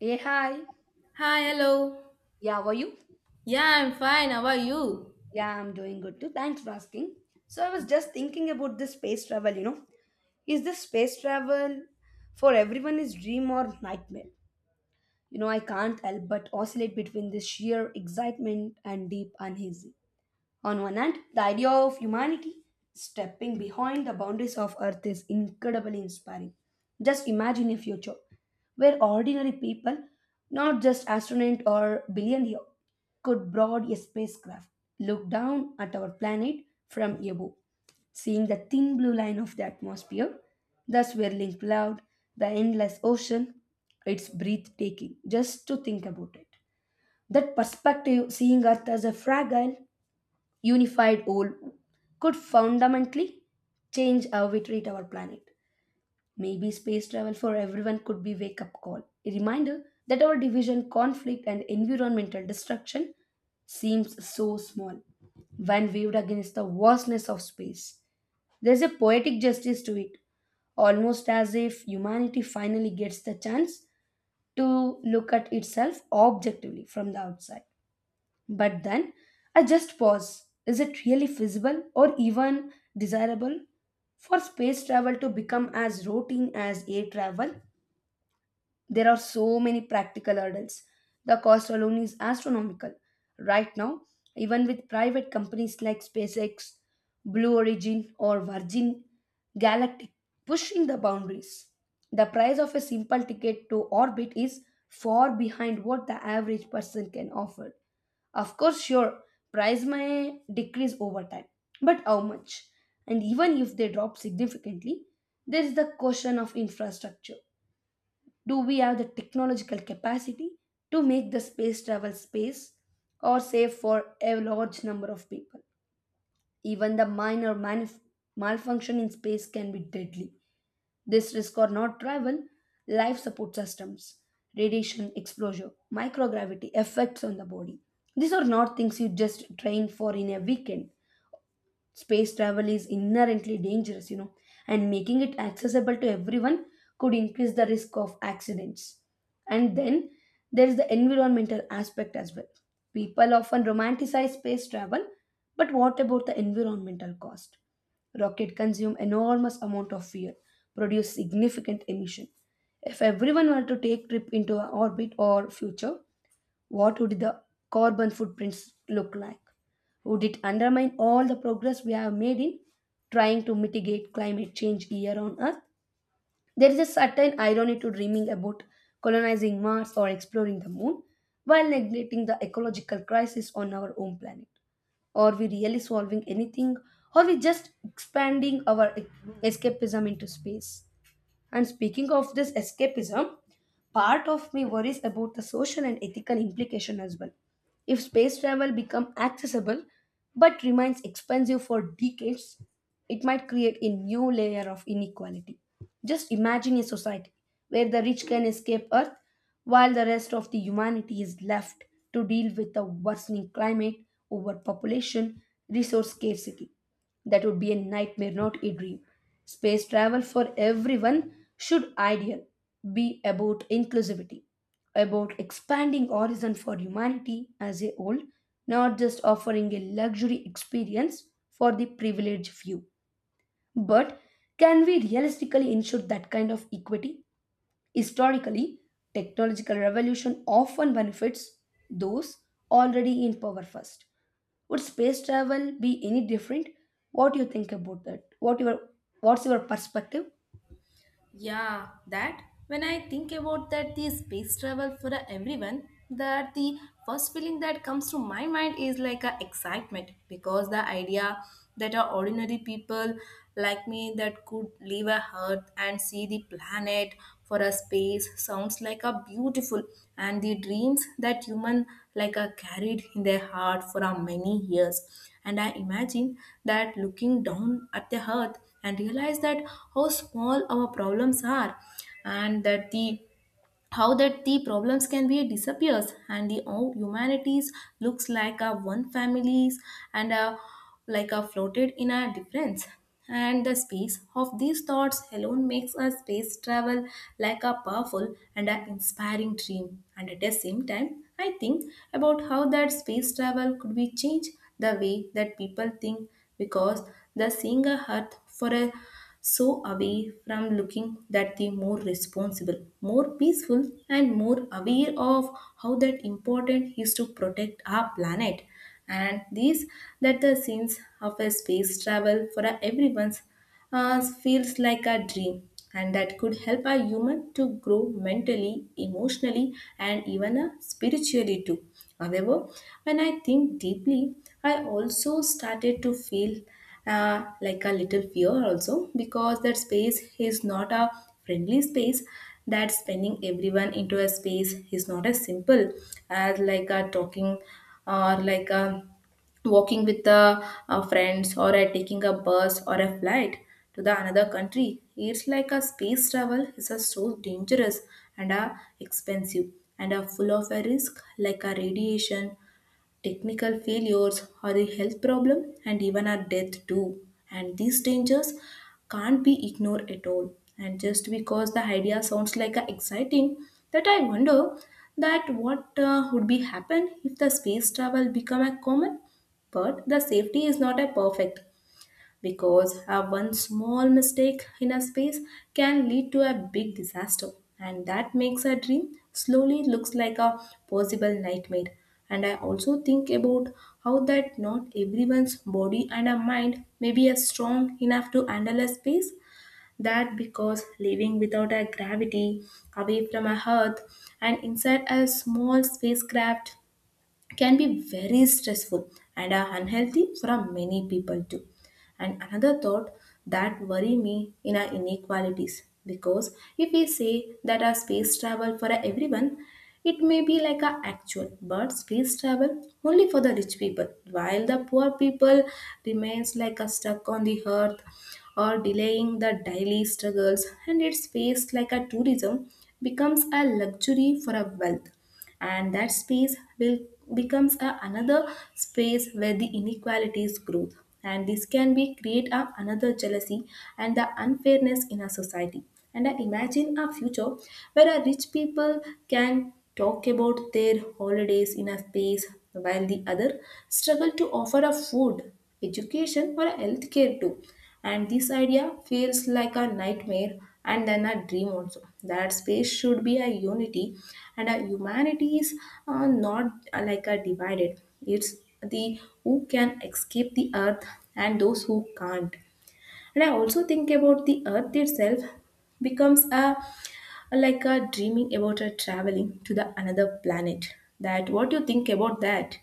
Hey, hi. Hi, hello. Yeah, how are you? Yeah, I'm fine. How are you? Yeah, I'm doing good too. Thanks for asking. So I was just thinking about this space travel. Is this space travel for everyone is dream or nightmare? I can't help but oscillate between this sheer excitement and deep uneasy. On one hand, the idea of humanity stepping behind the boundaries of Earth is incredibly inspiring. Just imagine a future where ordinary people, not just astronauts or billionaires, could board a spacecraft, look down at our planet from above, seeing the thin blue line of the atmosphere, the swirling cloud, the endless ocean. It's breathtaking just to think about it. That perspective, seeing Earth as a fragile, unified goal could fundamentally change how we treat our planet. Maybe space travel for everyone could be wake up call, a reminder that our division, conflict and environmental destruction seems so small when viewed against the vastness of space. There's a poetic justice to it, almost as if humanity finally gets the chance to look at itself objectively from the outside. But then I just pause. Is it really feasible or even desirable for space travel to become as routine as air travel? There are so many practical hurdles. The cost alone is astronomical. Right now, even with private companies like SpaceX, Blue Origin, or Virgin Galactic pushing the boundaries, the price of a simple ticket to orbit is far behind what the average person can afford. Of course, sure, price may decrease over time, but how much? And even if they drop significantly, there is the question of infrastructure, do we have the technological capacity to make the space travel space or safe for a large number of people? Even the minor malfunction in space can be deadly. This risk or not travel, life support systems, radiation exposure, microgravity effects on the body. These are not things you just train for in a weekend. Space travel is inherently dangerous, and making it accessible to everyone could increase the risk of accidents. And then there is the environmental aspect as well. People often romanticize space travel, but what about the environmental cost? Rocket consume enormous amount of fuel, produce significant emission. If everyone were to take trip into orbit or future, what would the carbon footprints look like? Would it undermine all the progress we have made in trying to mitigate climate change here on Earth? There is a certain irony to dreaming about colonizing Mars or exploring the moon while neglecting the ecological crisis on our own planet. Are we really solving anything? Are we just expanding our escapism into space? And speaking of this escapism, part of me worries about the social and ethical implication as well. If space travel become accessible but remains expensive for decades, it might create a new layer of inequality. Just imagine a society where the rich can escape Earth while the rest of the humanity is left to deal with the worsening climate, overpopulation, resource scarcity. That would be a nightmare, not a dream. Space travel for everyone should ideal be about inclusivity, about expanding horizon for humanity as a whole, not just offering a luxury experience for the privileged few. But can we realistically ensure that kind of equity? Historically, technological revolution often benefits those already in power first. Would space travel be any different? What do you think about that? What's your perspective? Yeah, that when I think about that the space travel for everyone, that the first feeling that comes to my mind is like a excitement because the idea that our ordinary people like me that could leave a earth and see the planet for a space sounds like a beautiful and the dreams that human like are carried in their heart for a many years. And I imagine that looking down at the earth and realize that how small our problems are and that the how that the problems can be disappears and the all humanities looks like a one families and a like a floated in a difference and the space of these thoughts alone makes a space travel like a powerful and an inspiring dream. And at the same time I think about how that space travel could be changed the way that people think, because the seeing a earth for a so away from looking that the more responsible, more peaceful, and more aware of how that important is to protect our planet. And these that the scenes of a space travel for a everyone's feels like a dream and that could help a human to grow mentally, emotionally, and even spiritually too. However, when I think deeply, I also started to feel like a little fear also because that space is not a friendly space. That spending everyone into a space is not as simple as like a talking or like a walking with the friends or taking a bus or a flight to the another country. It's like a space travel is a so dangerous and expensive and full of a risk like a radiation, technical failures or a health problem and even our death too. And these dangers can't be ignored at all, and just because the idea sounds like a exciting that I wonder that what would be happen if the space travel become a common but the safety is not a perfect, because a one small mistake in a space can lead to a big disaster, and that makes a dream slowly looks like a possible nightmare. And I also think about how that not everyone's body and a mind may be as strong enough to handle a space, that because living without a gravity, away from a earth, and inside a small spacecraft can be very stressful and are unhealthy for a many people too. And another thought that worry me in our inequalities, because if we say that our space travel for everyone, it may be like a actual, but space travel only for the rich people, while the poor people remains like a stuck on the earth or delaying the daily struggles, and its space like a tourism becomes a luxury for a wealth, and that space will becomes a, another space where the inequalities grow, and this can be create a, another jealousy and the unfairness in our society. And I imagine a future where our rich people can talk about their holidays in a space while the other struggle to offer a food, education or a healthcare too, and this idea feels like a nightmare and then a dream also. That space should be a unity, and a humanity is not like a divided. It's the who can escape the earth and those who can't. And I also think about the earth itself becomes a like a dreaming about a traveling to the another planet. That what you think about that?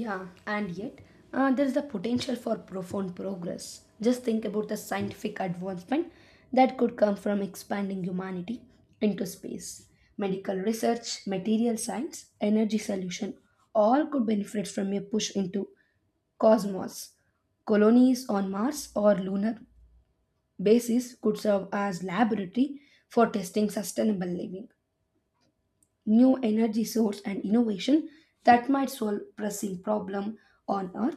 Yeah, and yet there is the potential for profound progress. Just think about the scientific advancement that could come from expanding humanity into space. Medical research, material science, energy solution all could benefit from a push into cosmos. Colonies on Mars or lunar bases could serve as laboratory for testing sustainable living, new energy source and innovation that might solve pressing problem on earth.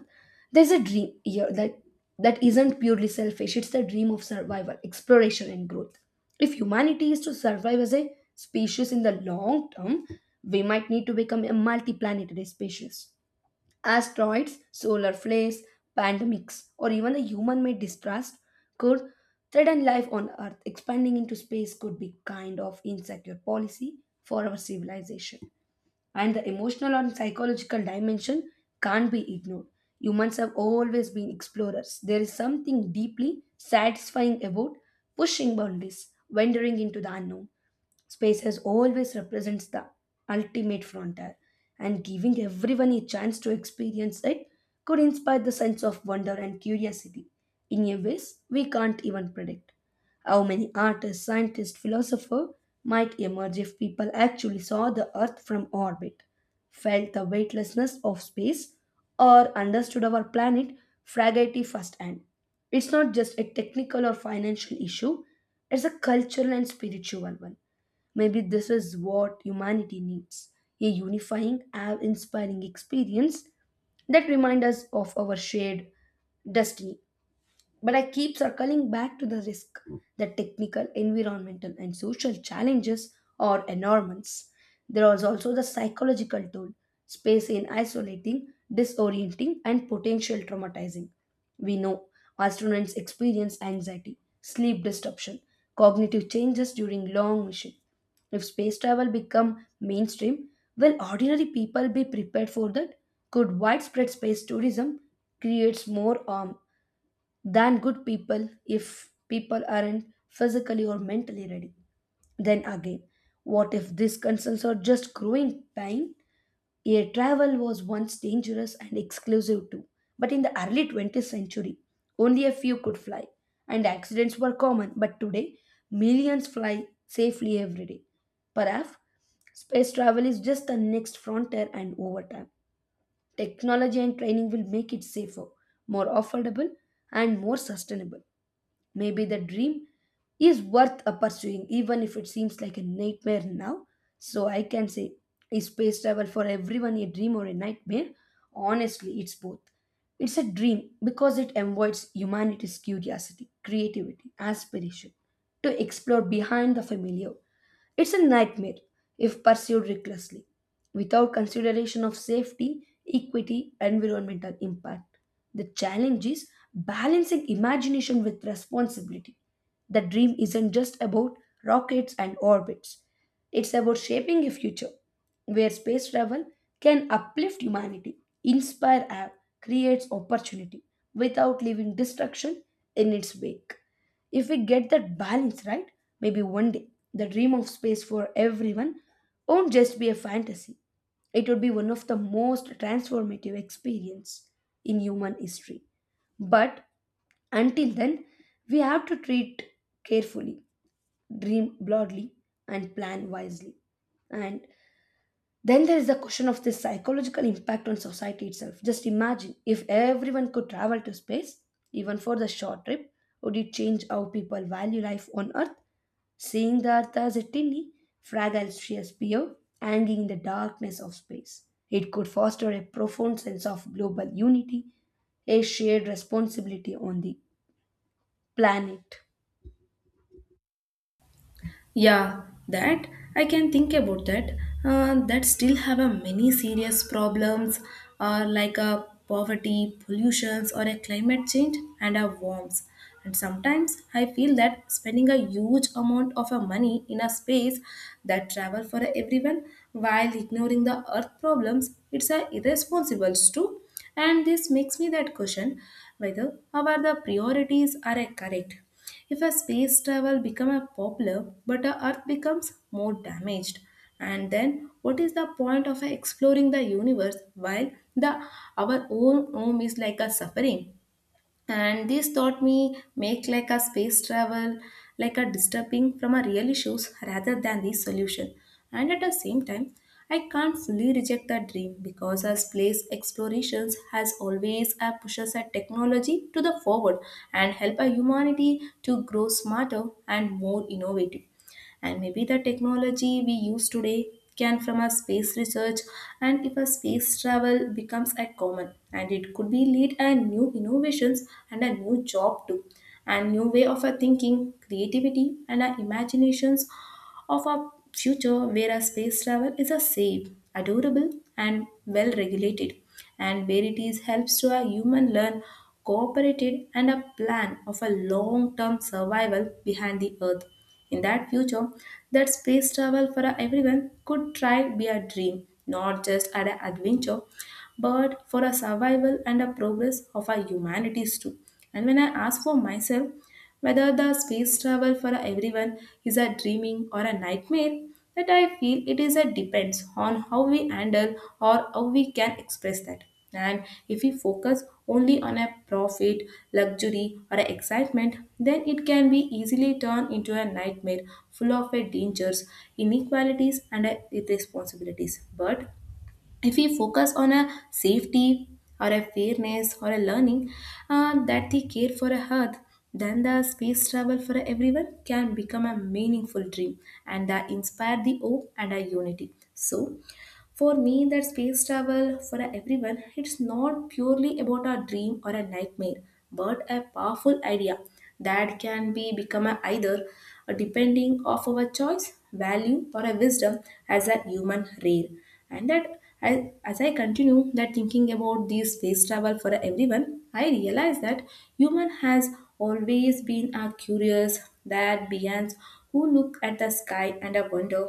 There's a dream here that that isn't purely selfish, it's the dream of survival, exploration and growth. If humanity is to survive as a species in the long term, we might need to become a multi-planetary species. Asteroids, solar flares, pandemics, or even the human made distrust could threaten life on Earth. Expanding into space could be kind of insecure policy for our civilization. And the emotional and psychological dimension can't be ignored. Humans have always been explorers. There is something deeply satisfying about pushing boundaries, wandering into the unknown. Space has always represents the ultimate frontier, and giving everyone a chance to experience it could inspire the sense of wonder and curiosity in a ways we can't even predict. How many artists, scientists, philosophers might emerge if people actually saw the Earth from orbit, felt the weightlessness of space, or understood our planet fragility firsthand. It's not just a technical or financial issue, it's a cultural and spiritual one. Maybe this is what humanity needs, a unifying, awe inspiring experience that reminds us of our shared destiny. But I keep circling back to the risk. The technical, environmental, and social challenges are enormous. There is also the psychological toll, space in isolating, disorienting, and potential traumatizing. We know our students experience anxiety, sleep disruption, cognitive changes during long mission. If space travel become mainstream, will ordinary people be prepared for that? Could widespread space tourism creates more harm than good people if people aren't physically or mentally ready. Then again, what if these concerns are just growing pain? Air travel was once dangerous and exclusive too, but in the early 20th century, only a few could fly, and accidents were common. But today, millions fly safely every day. Perhaps space travel is just the next frontier, and over time, technology and training will make it safer, more affordable, and more sustainable. Maybe the dream is worth a pursuing, even if it seems like a nightmare now. So I can say, is space travel for everyone a dream or a nightmare? Honestly, it's both. It's a dream because it avoids humanity's curiosity, creativity, aspiration to explore behind the familiar. It's a nightmare if pursued recklessly, without consideration of safety, equity, environmental impact. The challenge is balancing imagination with responsibility. The dream isn't just about rockets and orbits, it's about shaping a future where space travel can uplift humanity, inspire awe, creates opportunity without leaving destruction in its wake. If we get that balance right, maybe one day the dream of space for everyone won't just be a fantasy. It would be one of the most transformative experience in human history. But until then, we have to treat carefully, dream broadly, and plan wisely. And then there is the question of the psychological impact on society itself. Just imagine if everyone could travel to space, even for the short trip, would it change how people value life on Earth? Seeing the Earth as a tiny, fragile sphere spear hanging in the darkness of space. It could foster a profound sense of global unity, a shared responsibility on the planet. Yeah, that I can think about that. That still have a many serious problems, like a poverty, pollutions, or a climate change and a warms. And sometimes I feel that spending a huge amount of a money in a space that travel for everyone while ignoring the earth problems, it's a irresponsible too. And this makes me that question whether our the priorities are correct if a space travel become a popular but the earth becomes more damaged, and then what is the point of exploring the universe while the our own home is like a suffering, and this taught me make like a space travel like a disturbing from a real issues rather than the solution. And at the same time I can't fully reject the dream, because as space explorations has always pushes a technology to the forward and help a humanity to grow smarter and more innovative, and maybe the technology we use today can from a space research. And if a space travel becomes a common and it could be lead a new innovations and a new job too, and new way of a thinking creativity and our imaginations of a future where our space travel is a safe, adorable, and well regulated, and where it is helps to a human learn, cooperated, and a plan of a long term survival behind the earth. In that future, that space travel for everyone could try be a dream, not just an adventure, but for a survival and a progress of our humanities too. And when I ask for myself, whether the space travel for everyone is a dreaming or a nightmare, that I feel it is a depends on how we handle or how we can express that. And if we focus only on a profit, luxury, or a excitement, then it can be easily turned into a nightmare full of a dangers, inequalities, and irresponsibilities. But if we focus on a safety or a fairness or a learning, that they care for a earth, then the space travel for everyone can become a meaningful dream and that inspire the hope and our unity. So for me, that space travel for everyone, it's not purely about a dream or a nightmare, but a powerful idea that can be become a either a depending of our choice, value, or a wisdom as a human rare. And that as I continue that thinking about this space travel for everyone, I realize that human has always been a curious that beings who look at the sky and a wonder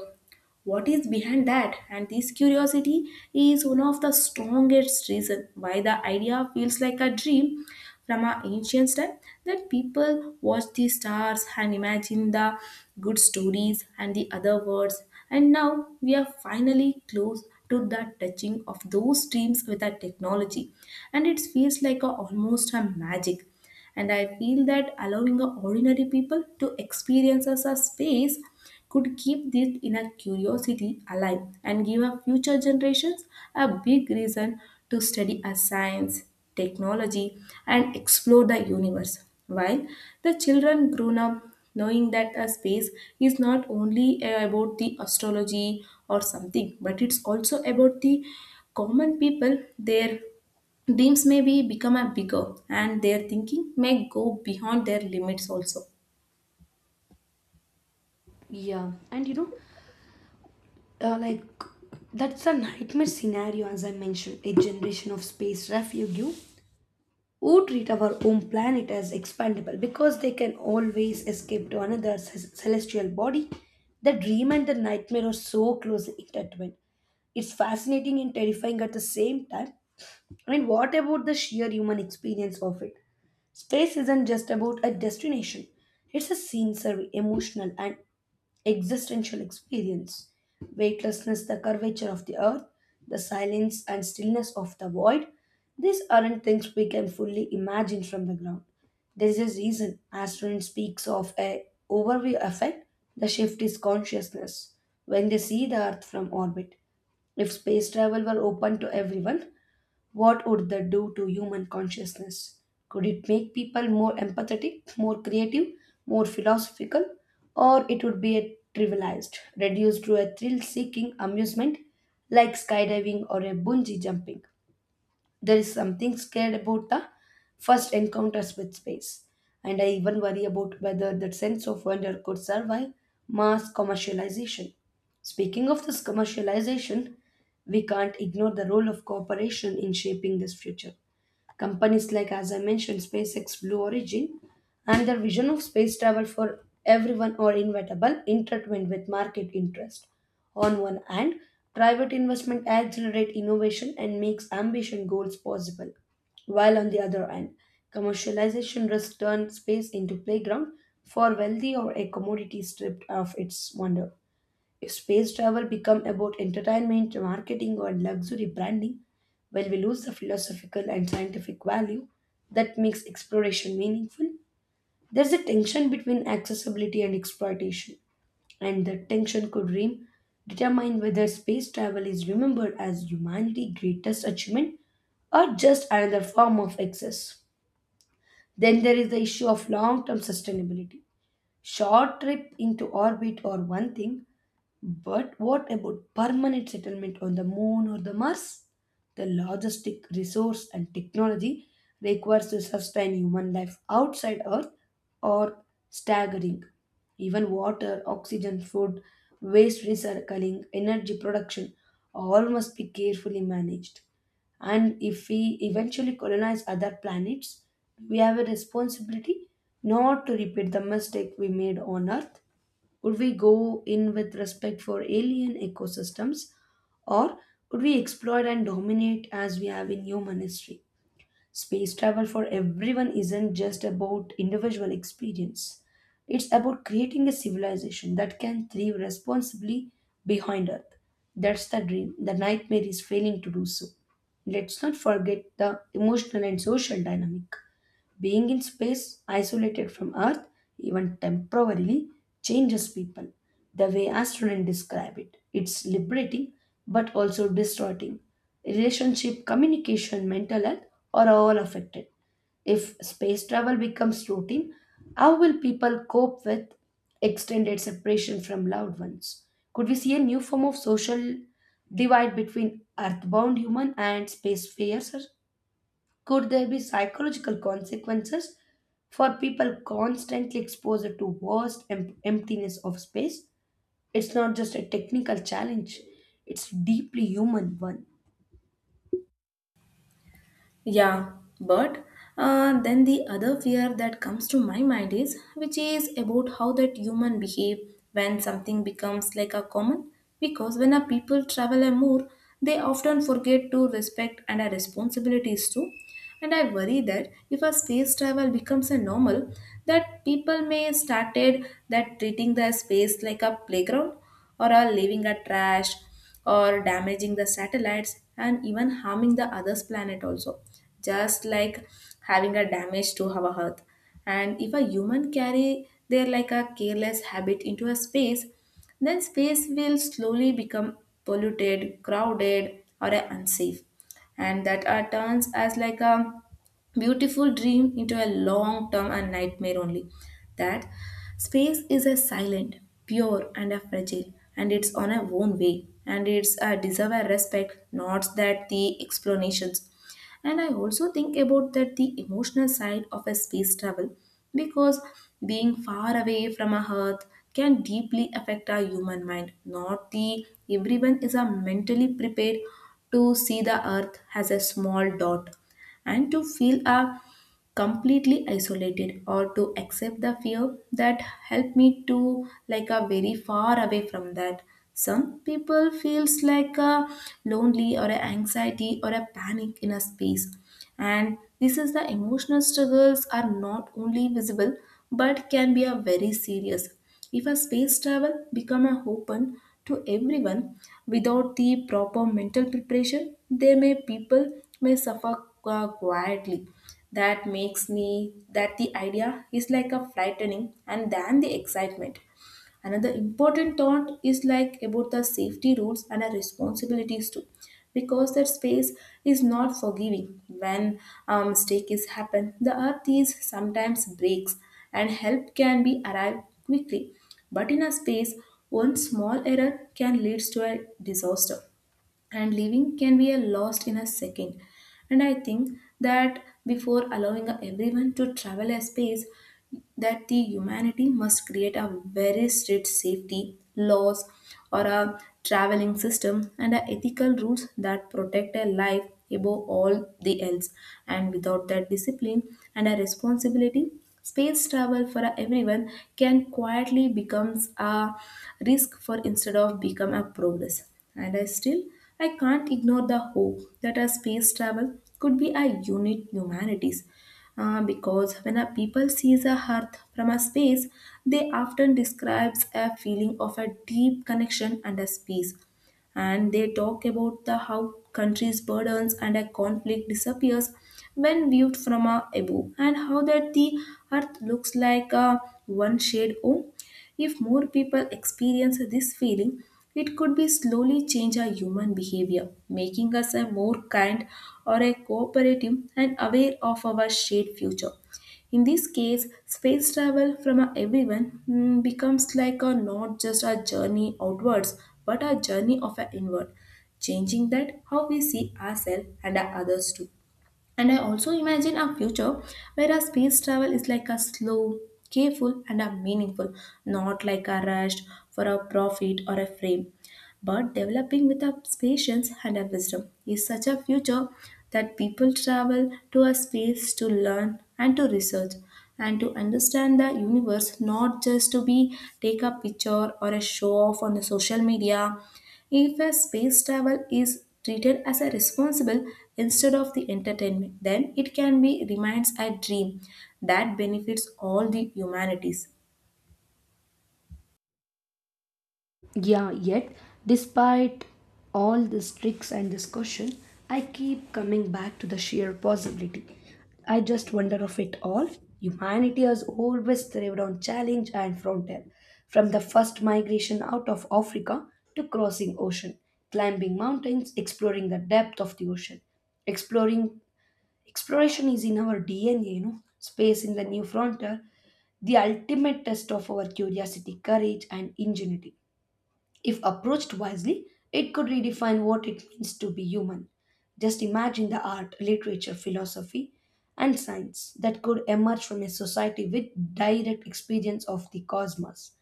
what is behind that, and this curiosity is one of the strongest reason why the idea feels like a dream. From our ancient time that people watch the stars and imagine the good stories and the other words, and now we are finally close to the touching of those dreams with our technology, and it feels like a, almost a magic. And I feel that allowing a ordinary people to experience as a space could keep this inner curiosity alive and give our future generations a big reason to study our science, technology, and explore the universe. While the children grown up knowing that a space is not only about the astrology or something, but it's also about the common people, their dreams may be become a bigger and their thinking may go beyond their limits also. Yeah, and like that's a nightmare scenario, as I mentioned. A generation of space refugee who treat our home planet as expandable because they can always escape to another celestial body, the dream and the nightmare are so closely intertwined. It's fascinating and terrifying at the same time. I mean, what about the sheer human experience of it? Space isn't just about a destination, it's a sensory, emotional, and existential experience, weightlessness, the curvature of the earth, the silence and stillness of the void. These aren't things we can fully imagine from the ground. There is a reason astron speaks of a overview effect, the shift is consciousness when they see the earth from orbit. If space travel were open to everyone, what would that do to human consciousness? Could it make people more empathetic, more creative, more philosophical? Or it would be a trivialized, reduced to a thrill seeking amusement like skydiving or a bungee jumping? There is something scared about the first encounters with space, and I even worry about whether that sense of wonder could survive mass commercialization. Speaking of this commercialization, we can't ignore the role of cooperation in shaping this future. Companies like, as I mentioned, SpaceX, Blue Origin and their vision of space travel for everyone are inevitable, intertwined with market interest. On one hand, private investment accelerates innovation and makes ambition goals possible, while on the other hand, commercialization risks turn space into playground for wealthy or a commodity stripped of its wonder. Space travel become about entertainment, marketing, or luxury branding, while we lose the philosophical and scientific value that makes exploration meaningful. There's a tension between accessibility and exploitation, and that tension could determine whether space travel is remembered as humanity's greatest achievement or just another form of excess. Then there is the issue of long term sustainability. Short trip into orbit or one thing, but what about permanent settlement on the moon or the Mars? The logistic resource and technology requires to sustain human life outside Earth are staggering. Even water, oxygen, food, waste recycling, energy production all must be carefully managed. And if we eventually colonize other planets, we have a responsibility not to repeat the mistake we made on Earth. Would we go in with respect for alien ecosystems or would we exploit and dominate as we have in human history? Space travel for everyone isn't just about individual experience. It's about creating a civilization that can thrive responsibly behind Earth. That's the dream. The nightmare is failing to do so. Let's not forget the emotional and social dynamic. Being in space, isolated from Earth, even temporarily, changes people. The way astronauts describe it, it's liberating but also distorting. Relationship, communication, mental health are all affected. If space travel becomes routine, how will people cope with extended separation from loved ones? Could we see a new form of social divide between earthbound human and space fares? Could there be psychological consequences for people constantly exposed to vast emptiness of space? It's not just a technical challenge, it's a deeply human one. Yeah, but then the other fear that comes to my mind is, which is about how that human behave when something becomes like a common. Because when a people travel a more, they often forget to respect and our responsibilities too. And I worry that if a space travel becomes a normal, that people may started that treating the space like a playground or are leaving a trash or damaging the satellites and even harming the others planet also, just like having a damage to our earth. And if a human carry their like a careless habit into a space, then space will slowly become polluted, crowded or unsafe, and that turns as like a beautiful dream into a long term and nightmare only. That space is a silent, pure, and a fragile, and it's on a own way, and it's a deserve a respect, not that the explanations. And I also think about that the emotional side of a space travel, because being far away from a Earth can deeply affect our human mind. Not the everyone is a mentally prepared to see the Earth as a small dot and to feel a completely isolated or to accept the fear that helped me to like a very far away from that. Some people feels like a lonely or a anxiety or a panic in a space, and this is the emotional struggles are not only visible but can be a very serious. If a space travel become open to everyone without the proper mental preparation, they may people may suffer quietly. That makes me that the idea is like a frightening and than the excitement. Another important thought is like about the safety rules and our responsibilities too, because that space is not forgiving. When a mistake is happen, the earth is sometimes breaks, and help can be arrived quickly. But in a space, one small error can lead to a disaster, and living can be a lost in a second. And I think that before allowing everyone to travel a space, that the humanity must create a very strict safety laws or a traveling system and a ethical rules that protect a life above all the else, and without that discipline and a responsibility, space travel for everyone can quietly becomes a risk for instead of become a progress. And I can't ignore the hope that a space travel could be a unit humanities, because when a people sees a earth from a space, they often describes a feeling of a deep connection and a space, and they talk about the how countries burdens and a conflict disappears when viewed from a above, and how that the earth looks like a one shade home. If more people experience this feeling, it could be slowly change our human behavior, making us a more kind or a cooperative and aware of our shared future. In this case, space travel from a everyone becomes like a not just a journey outwards, but a journey of an inward, changing that how we see ourselves and our others too. And I also imagine a future where a space travel is like a slow, careful, and a meaningful, not like a rush for a profit or a frame. But developing with our patience and our wisdom is such a future that people travel to a space to learn and to research and to understand the universe, not just to be take a picture or a show off on the social media. If a space travel is treated as a responsible instead of the entertainment, then it can be remains a dream that benefits all the humanities. Yeah, yet, despite all these tricks and discussion, I keep coming back to the sheer possibility. I just wonder of it all. Humanity has always thrived on challenge and frontier. From the first migration out of Africa to crossing ocean, climbing mountains, exploring the depth of the ocean. Exploring Exploration is in our DNA, you know. Space in the new frontier, the ultimate test of our curiosity, courage, and ingenuity. If approached wisely, it could redefine what it means to be human. Just imagine the art, literature, philosophy, and science that could emerge from a society with direct experience of the cosmos.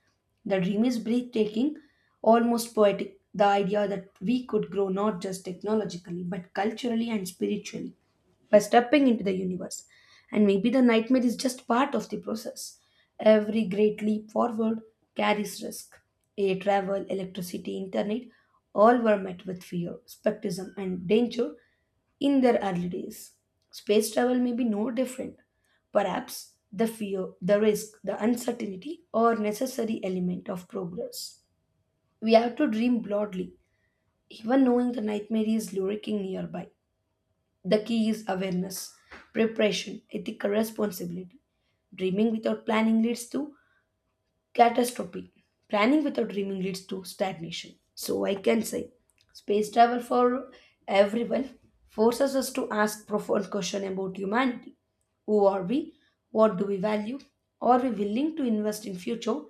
The dream is breathtaking, almost poetic. The idea that we could grow not just technologically, but culturally and spiritually by stepping into the universe. And maybe the nightmare is just part of the process. Every great leap forward carries risk. Air travel, electricity, internet all were met with fear, skepticism, and danger in their early days. Space travel may be no different. Perhaps the fear, the risk, the uncertainty are necessary element of progress. We have to dream broadly, even knowing the nightmare is lurking nearby. The key is awareness, preparation, ethical responsibility. Dreaming without planning leads to catastrophe. Planning without dreaming leads to stagnation. So I can say, space travel for everyone forces us to ask profound questions about humanity. Who are we? What do we value? Are we willing to invest in future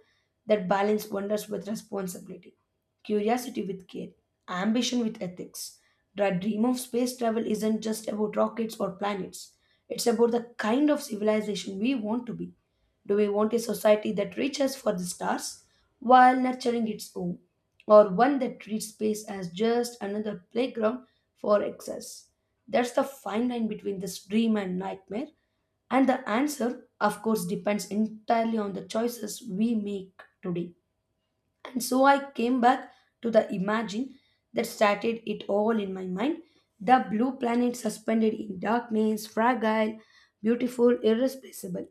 that balance wonders with responsibility, curiosity with care, ambition with ethics? The dream of space travel isn't just about rockets or planets. It's about the kind of civilization we want to be. Do we want a society that reaches for the stars while nurturing its own, or one that treats space as just another playground for excess? That's the fine line between this dream and nightmare, and the answer, of course, depends entirely on the choices we make today. And so I came back to the imagine that started it all in my mind, the blue planet suspended in darkness, fragile, beautiful, irreplaceable.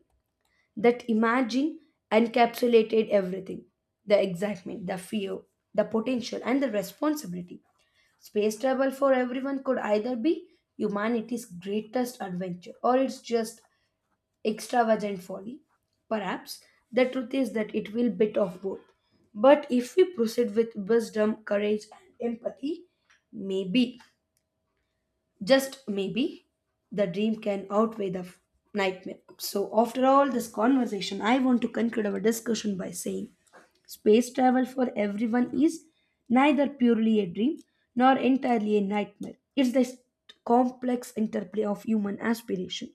That imagine encapsulated everything, the excitement, the fear, the potential, and the responsibility. Space travel for everyone could either be humanity's greatest adventure or it's just extravagant folly. Perhaps the truth is that it will bit of both. But if we proceed with wisdom, courage, and empathy, maybe just maybe the dream can outweigh the nightmare. So, after all this conversation, I want to conclude our discussion by saying space travel for everyone is neither purely a dream nor entirely a nightmare. It's the complex interplay of human aspiration,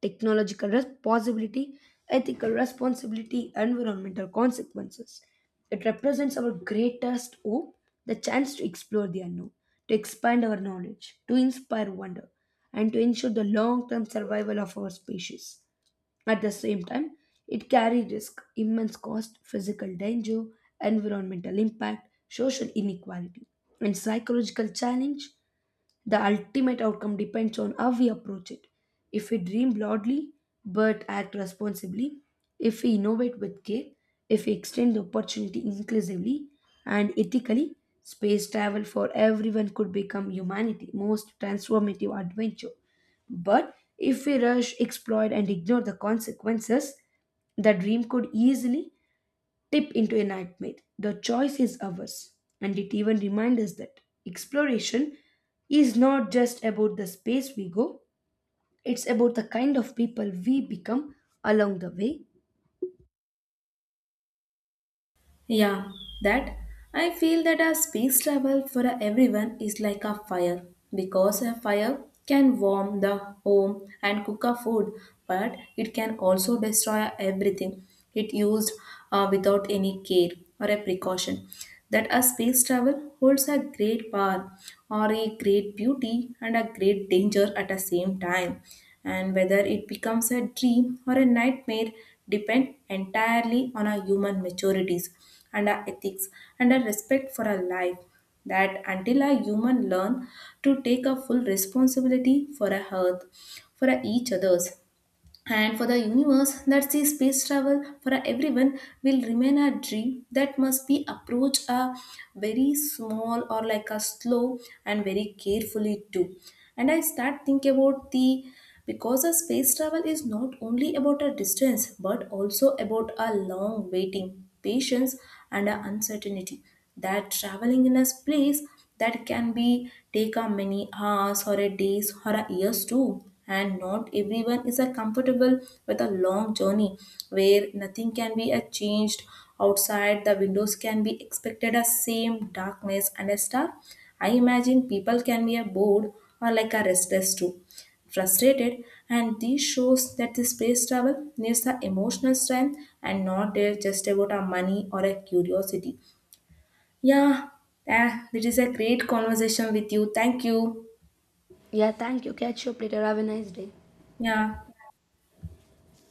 technological possibility, ethical responsibility, environmental consequences. It represents our greatest hope, the chance to explore the unknown, to expand our knowledge, to inspire wonder, and to ensure the long term survival of our species. At the same time, it carries risk, immense cost, physical danger, environmental impact, social inequality, and psychological challenge. The ultimate outcome depends on how we approach it. If we dream broadly but act responsibly, if we innovate with care, if we extend the opportunity inclusively and ethically, space travel for everyone could become humanity's most transformative adventure. But if we rush, exploit, and ignore the consequences, the dream could easily tip into a nightmare. The choice is ours, and it even reminds us that exploration is not just about the space we go, it's about the kind of people we become along the way. Yeah, that I feel that a space travel for everyone is like a fire, because a fire can warm the home and cook a food, but it can also destroy everything it used without any care or a precaution. That a space travel holds a great power or a great beauty and a great danger at the same time, and whether it becomes a dream or a nightmare depend entirely on our human maturities and our ethics and our respect for our life, that until a human learn to take a full responsibility for a health, for a each others and for the universe that sees space travel for everyone will remain a dream that must be approached a very small or like a slow and very carefully too. And I start think about the because a space travel is not only about a distance but also about a long waiting, patience and a uncertainty, that traveling in a place that can be take a many hours or a days or a years too, and not everyone is a comfortable with a long journey where nothing can be a changed. Outside the windows can be expected a same darkness and a star. I imagine people can be a bored or like a restless too, frustrated, and this shows that the space travel needs the emotional strength and not there just about our money or a curiosity. Yeah, yeah, it is a great conversation with you. Thank you. Yeah, thank you. Catch you up later. Have a nice day. Yeah.